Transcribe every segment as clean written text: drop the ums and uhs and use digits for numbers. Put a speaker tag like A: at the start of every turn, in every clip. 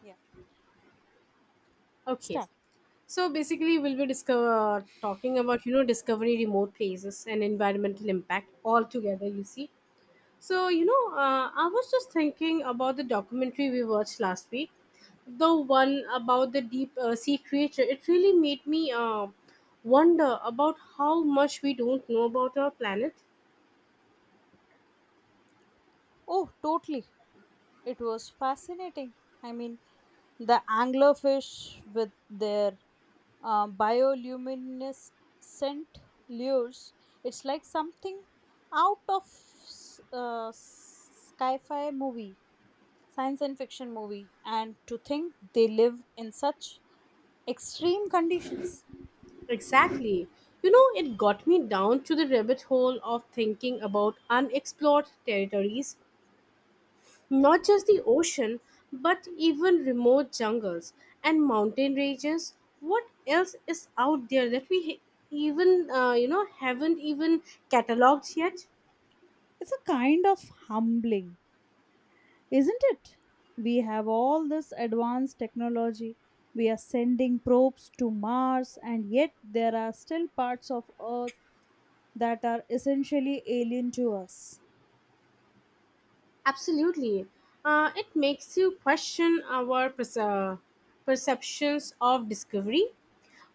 A: Yeah,
B: Okay.
A: start.
B: So basically, we'll be talking about discovering remote places and environmental impact all together. You see, I was just thinking about the documentary we watched last week, the one about the deep sea creature. It really made me wonder about how much we don't know about our planet.
A: Oh, totally. It was fascinating. I mean, the anglerfish with their bioluminescent lures, it's like something out of sci fi movie, science and fiction movie. And to think they live in such extreme conditions,
B: Exactly, you know, it got me down to the rabbit hole of thinking about unexplored territories. Not just the ocean, but even remote jungles and mountain ranges. What else is out there that even, haven't even cataloged yet?
A: it's a kind of humbling. Isn't it? We have all this advanced technology. We are sending probes to Mars, and yet there are still parts of Earth that are essentially alien to us.
B: Absolutely. It makes you question our perceptions of discovery.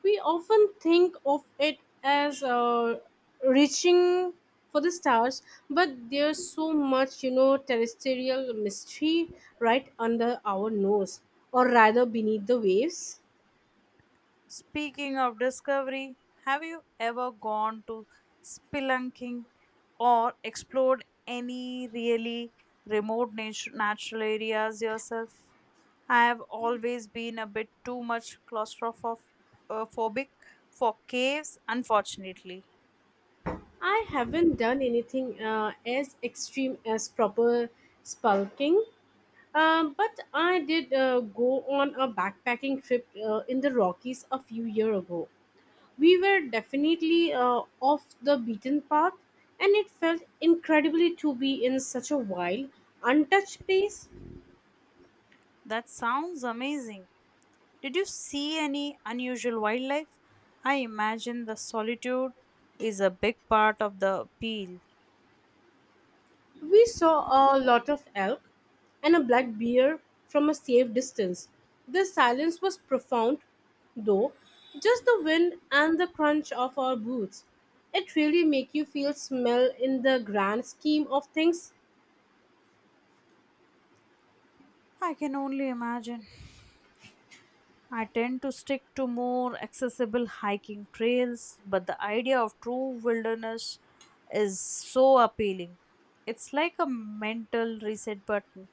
B: We often think of it as reaching for the stars, but there's so much, terrestrial mystery right under our nose, or rather beneath the waves.
A: Speaking of discovery, have you ever gone to spelunking or explored any really remote natural areas yourself? I have always been a bit too much claustrophobic for caves, unfortunately.
B: I haven't done anything as extreme as proper spelunking, but I did go on a backpacking trip in the Rockies a few years ago. We were definitely off the beaten path, and it felt incredibly to be in such a wild, untouched place.
A: That sounds amazing. Did you see any unusual wildlife? I imagine the solitude is a big part of the appeal.
B: We saw a lot of elk and a black bear from a safe distance. The silence was profound, though, just the wind and the crunch of our boots. It really make you feel smell in the grand scheme of things.
A: I can only imagine. I tend to stick to more accessible hiking trails, but the idea of true wilderness is so appealing. It's like a mental reset button.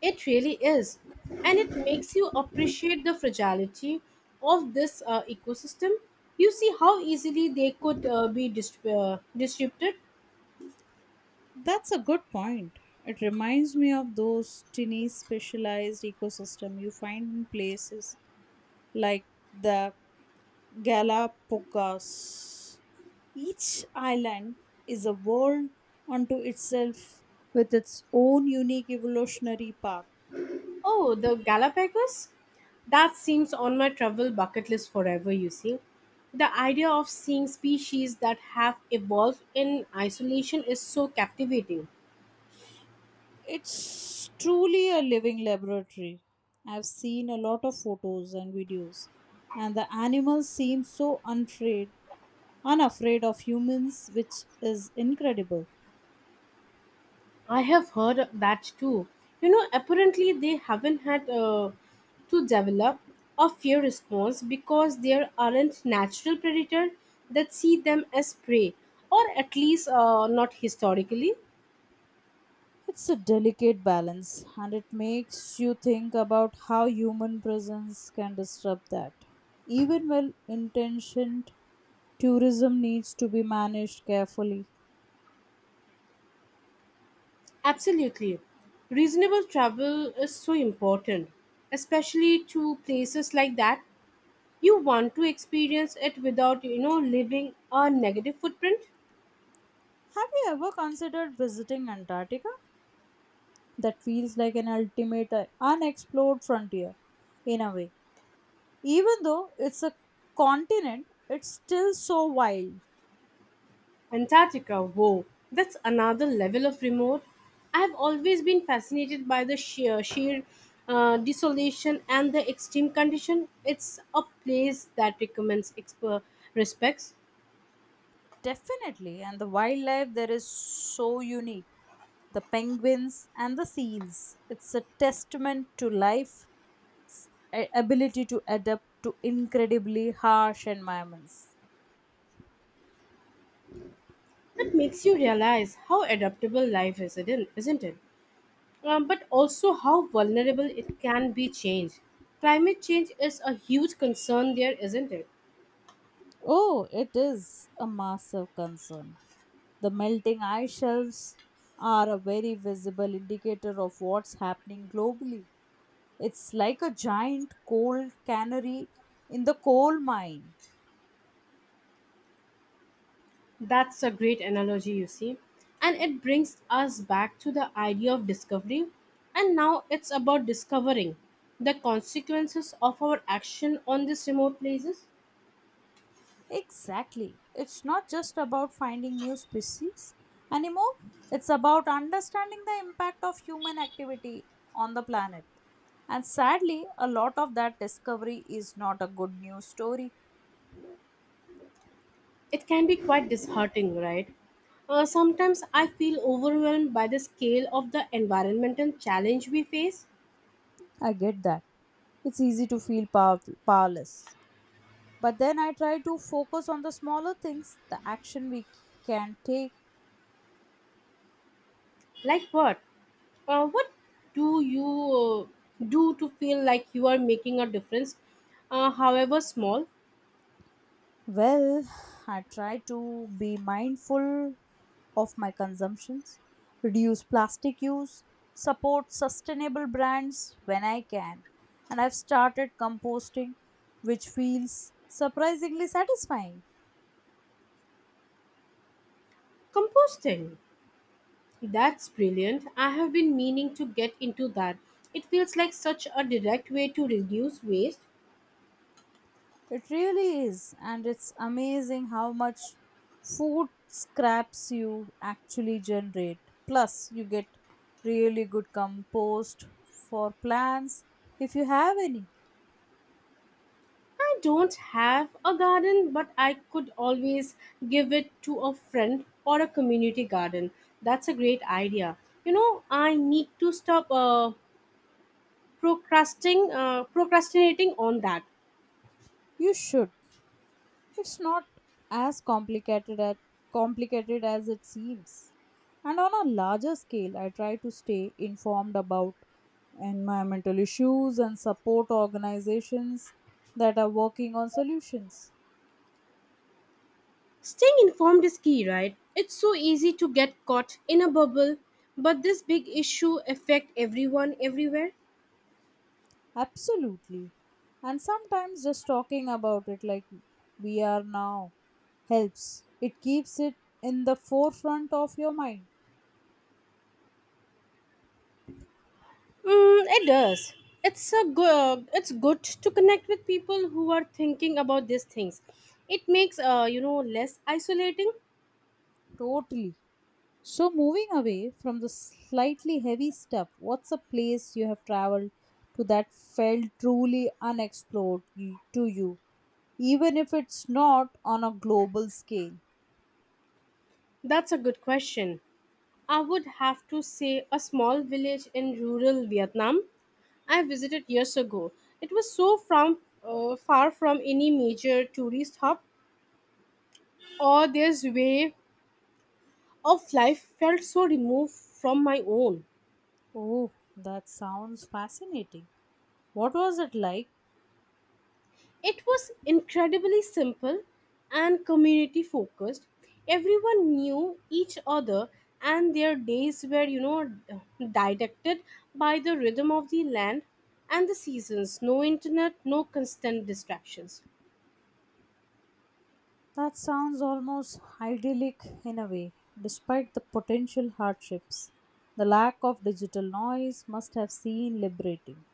B: It really is. And it makes you appreciate the fragility of this ecosystem. You see how easily they could be disrupted.
A: That's a good point. It reminds me of those tiny specialized ecosystem you find in places like the Galapagos. Each island is a world unto itself with its own unique evolutionary path.
B: Oh, the Galapagos? That seems on my travel bucket list forever, you see. The idea of seeing species that have evolved in isolation is so captivating.
A: It's truly a living laboratory. I've seen a lot of photos and videos, and the animals seem so unafraid, unafraid of humans, which is incredible.
B: I have heard that too. You know, apparently they haven't had to develop a fear response because there aren't natural predators that see them as prey, or at least not historically.
A: It's a delicate balance, and it makes you think about how human presence can disrupt that. Even well intentioned tourism needs to be managed carefully.
B: Absolutely. Reasonable travel is so important, especially to places like that. You want to experience it without, leaving a negative footprint.
A: Have you ever considered visiting Antarctica? That feels like an ultimate unexplored frontier in a way. Even though it's a continent, it's still so wild.
B: Antarctica, wow, that's another level of remote. I've always been fascinated by the sheer desolation and the extreme condition. It's a place that recommends respects
A: Definitely, and the wildlife there is so unique. The penguins and the seals. It's a testament to life, ability to adapt to incredibly harsh environments.
B: that makes you realize how adaptable life is, isn't it? But also how vulnerable it can be change. Climate change is a huge concern there, isn't it?
A: Oh, it is a massive concern. The melting ice shelves are a very visible indicator of what's happening globally. It's like a giant coal cannery in the coal mine.
B: That's a great analogy, you see. And it brings us back to the idea of discovery. And now it's about discovering the consequences of our action on these remote places.
A: Exactly. It's not just about finding new species anymore, it's about understanding the impact of human activity on the planet. And sadly, a lot of that discovery is not a good news story.
B: It can be quite disheartening, right? Sometimes I feel overwhelmed by the scale of the environmental challenge we face.
A: I get that. It's easy to feel powerless. But then I try to focus on the smaller things, the action we can take.
B: Like what? What do you do to feel like you are making a difference, however small?
A: Well, I try to be mindful of my consumptions, reduce plastic use, support sustainable brands when I can, and I've started composting, which feels surprisingly satisfying.
B: Composting. That's brilliant. I have been meaning to get into that. It feels like such a direct way to reduce waste.
A: It really is, and it's amazing how much food scraps you actually generate. Plus, you get really good compost for plants if you have any.
B: I don't have a garden, but I could always give it to a friend or a community garden. That's a great idea. You know, I need to stop procrastinating on that.
A: You should. It's not as complicated as it seems. And on a larger scale, I try to stay informed about environmental issues and support organizations that are working on solutions.
B: Staying informed is key, right? It's so easy to get caught in a bubble, but this big issue affect everyone everywhere.
A: Absolutely. And sometimes just talking about it like we are now helps. It keeps it in the forefront of your mind.
B: Mm, it does. It's a good. It's good to connect with people who are thinking about these things. It makes less isolating.
A: Totally. So, moving away from the slightly heavy stuff, what's a place you have traveled to that felt truly unexplored to you, even if it's not on a global scale?
B: That's a good question. I would have to say a small village in rural Vietnam I visited years ago. It was so from far from any major tourist hub, or their way of life felt so removed from my own.
A: Oh, that sounds fascinating. What was it like?
B: It was incredibly simple and community focused. Everyone knew each other, and their days were, dictated by the rhythm of the land and the seasons. No internet, no constant distractions.
A: That sounds almost idyllic in a way, despite the potential hardships. The lack of digital noise must have seemed liberating.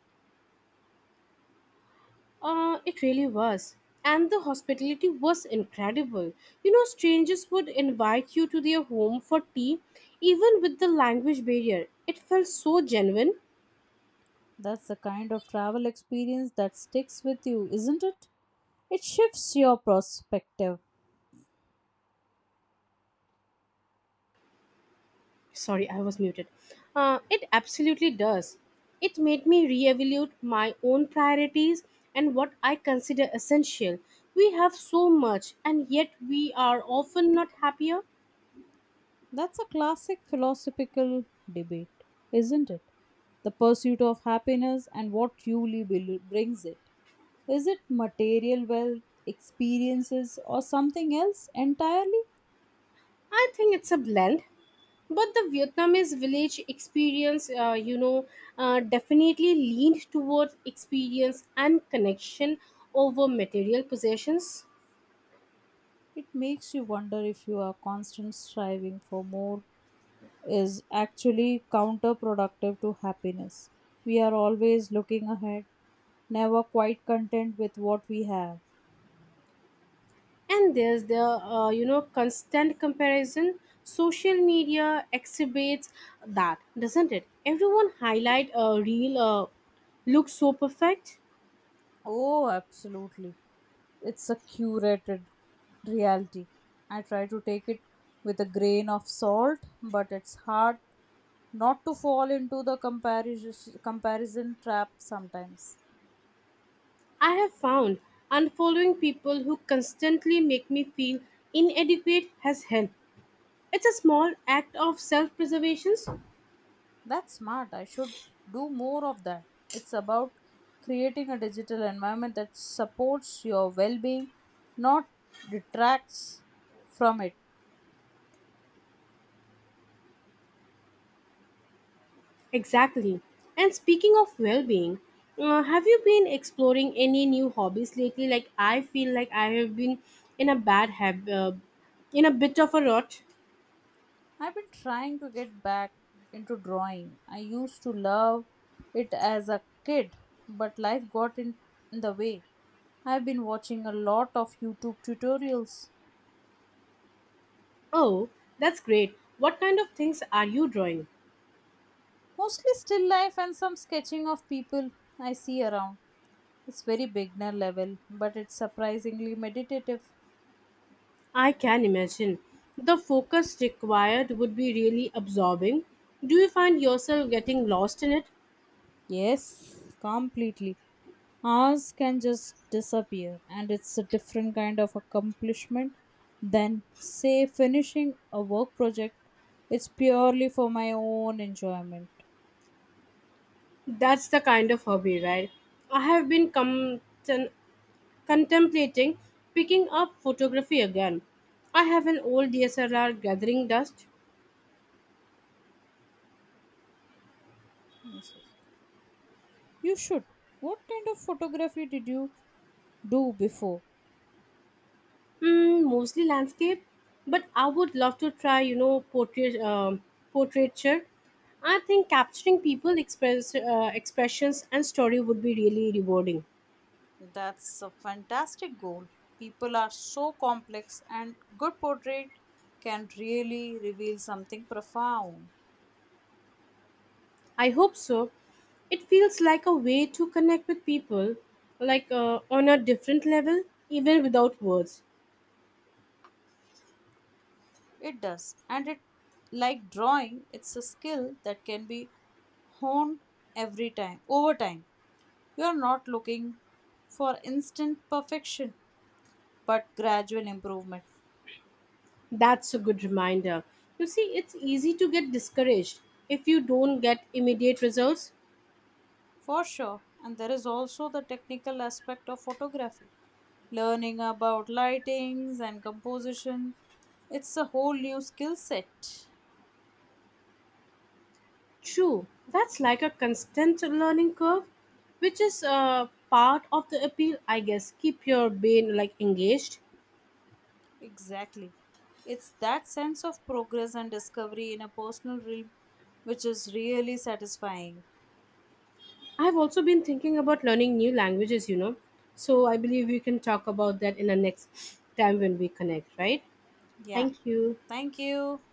B: It really was. And the hospitality was incredible. You know, strangers would invite you to their home for tea, even with the language barrier. It felt so genuine.
A: That's the kind of travel experience that sticks with you, isn't it? It shifts your perspective.
B: Sorry, I was muted. It absolutely does. It made me reevaluate my own priorities and what I consider essential. We have so much, and yet we are often not happier.
A: That's a classic philosophical debate, isn't it? The pursuit of happiness and what truly brings it. Is it material wealth, experiences, or something else entirely?
B: I think it's a blend, but the Vietnamese village experience definitely leaned towards experience and connection over material possessions.
A: It makes you wonder if your constant striving for more is actually counterproductive to happiness. We are always looking ahead, never quite content with what we have.
B: And there's the constant comparison social media exhibits, that doesn't it everyone highlight a real look so perfect.
A: Oh, absolutely. It's a curated reality. I try to take it with a grain of salt, but it's hard not to fall into the comparison trap sometimes.
B: I have found unfollowing people who constantly make me feel inadequate has helped. It's a small act of self-preservation.
A: That's smart. I should do more of that. It's about creating a digital environment that supports your well-being, not detracts from it.
B: Exactly. And speaking of well being, have you been exploring any new hobbies lately? Like, I feel like I have been in a bad habit, uh, in a bit of a rut.
A: I've been trying to get back into drawing. I used to love it as a kid, but life got in the way. I've been watching a lot of YouTube tutorials,
B: Oh, that's great. What kind of things are you drawing?
A: mostly still life and some sketching of people I see around. It's very beginner level, but it's surprisingly meditative.
B: I can imagine. The focus required would be really absorbing. Do you find yourself getting lost in it?
A: Yes, completely. Ours can just disappear, and it's a different kind of accomplishment than, say, finishing a work project. It's purely for my own enjoyment.
B: That's the kind of hobby, right? I have been contemplating picking up photography again. I have an old DSLR gathering dust,
A: And so, you should. What kind of photography did you do before?
B: mm, mostly landscape, but I would love to try, portrait, portraiture. I think capturing people expressions and story would be really rewarding.
A: That's a fantastic goal. People are so complex, and good portrait can really reveal something profound.
B: I hope so. It feels like a way to connect with people, like on a different level, even without words.
A: It does. And it like drawing, it's a skill that can be honed every time over time. You are not looking for instant perfection, but gradual improvement.
B: That's a good reminder. You see, it's easy to get discouraged if you don't get immediate results.
A: For sure. And there is also the technical aspect of photography. Learning about lightings and composition. It's a whole new skill set.
B: True, that's like a constant learning curve, which is part of the appeal, I guess. Keep your brain like engaged.
A: Exactly. It's that sense of progress and discovery in a personal realm which is really satisfying.
B: I've also been thinking about learning new languages, you know. So I believe we can talk about that in the next time when we connect, right?
A: Yeah.
B: Thank you.
A: Thank you.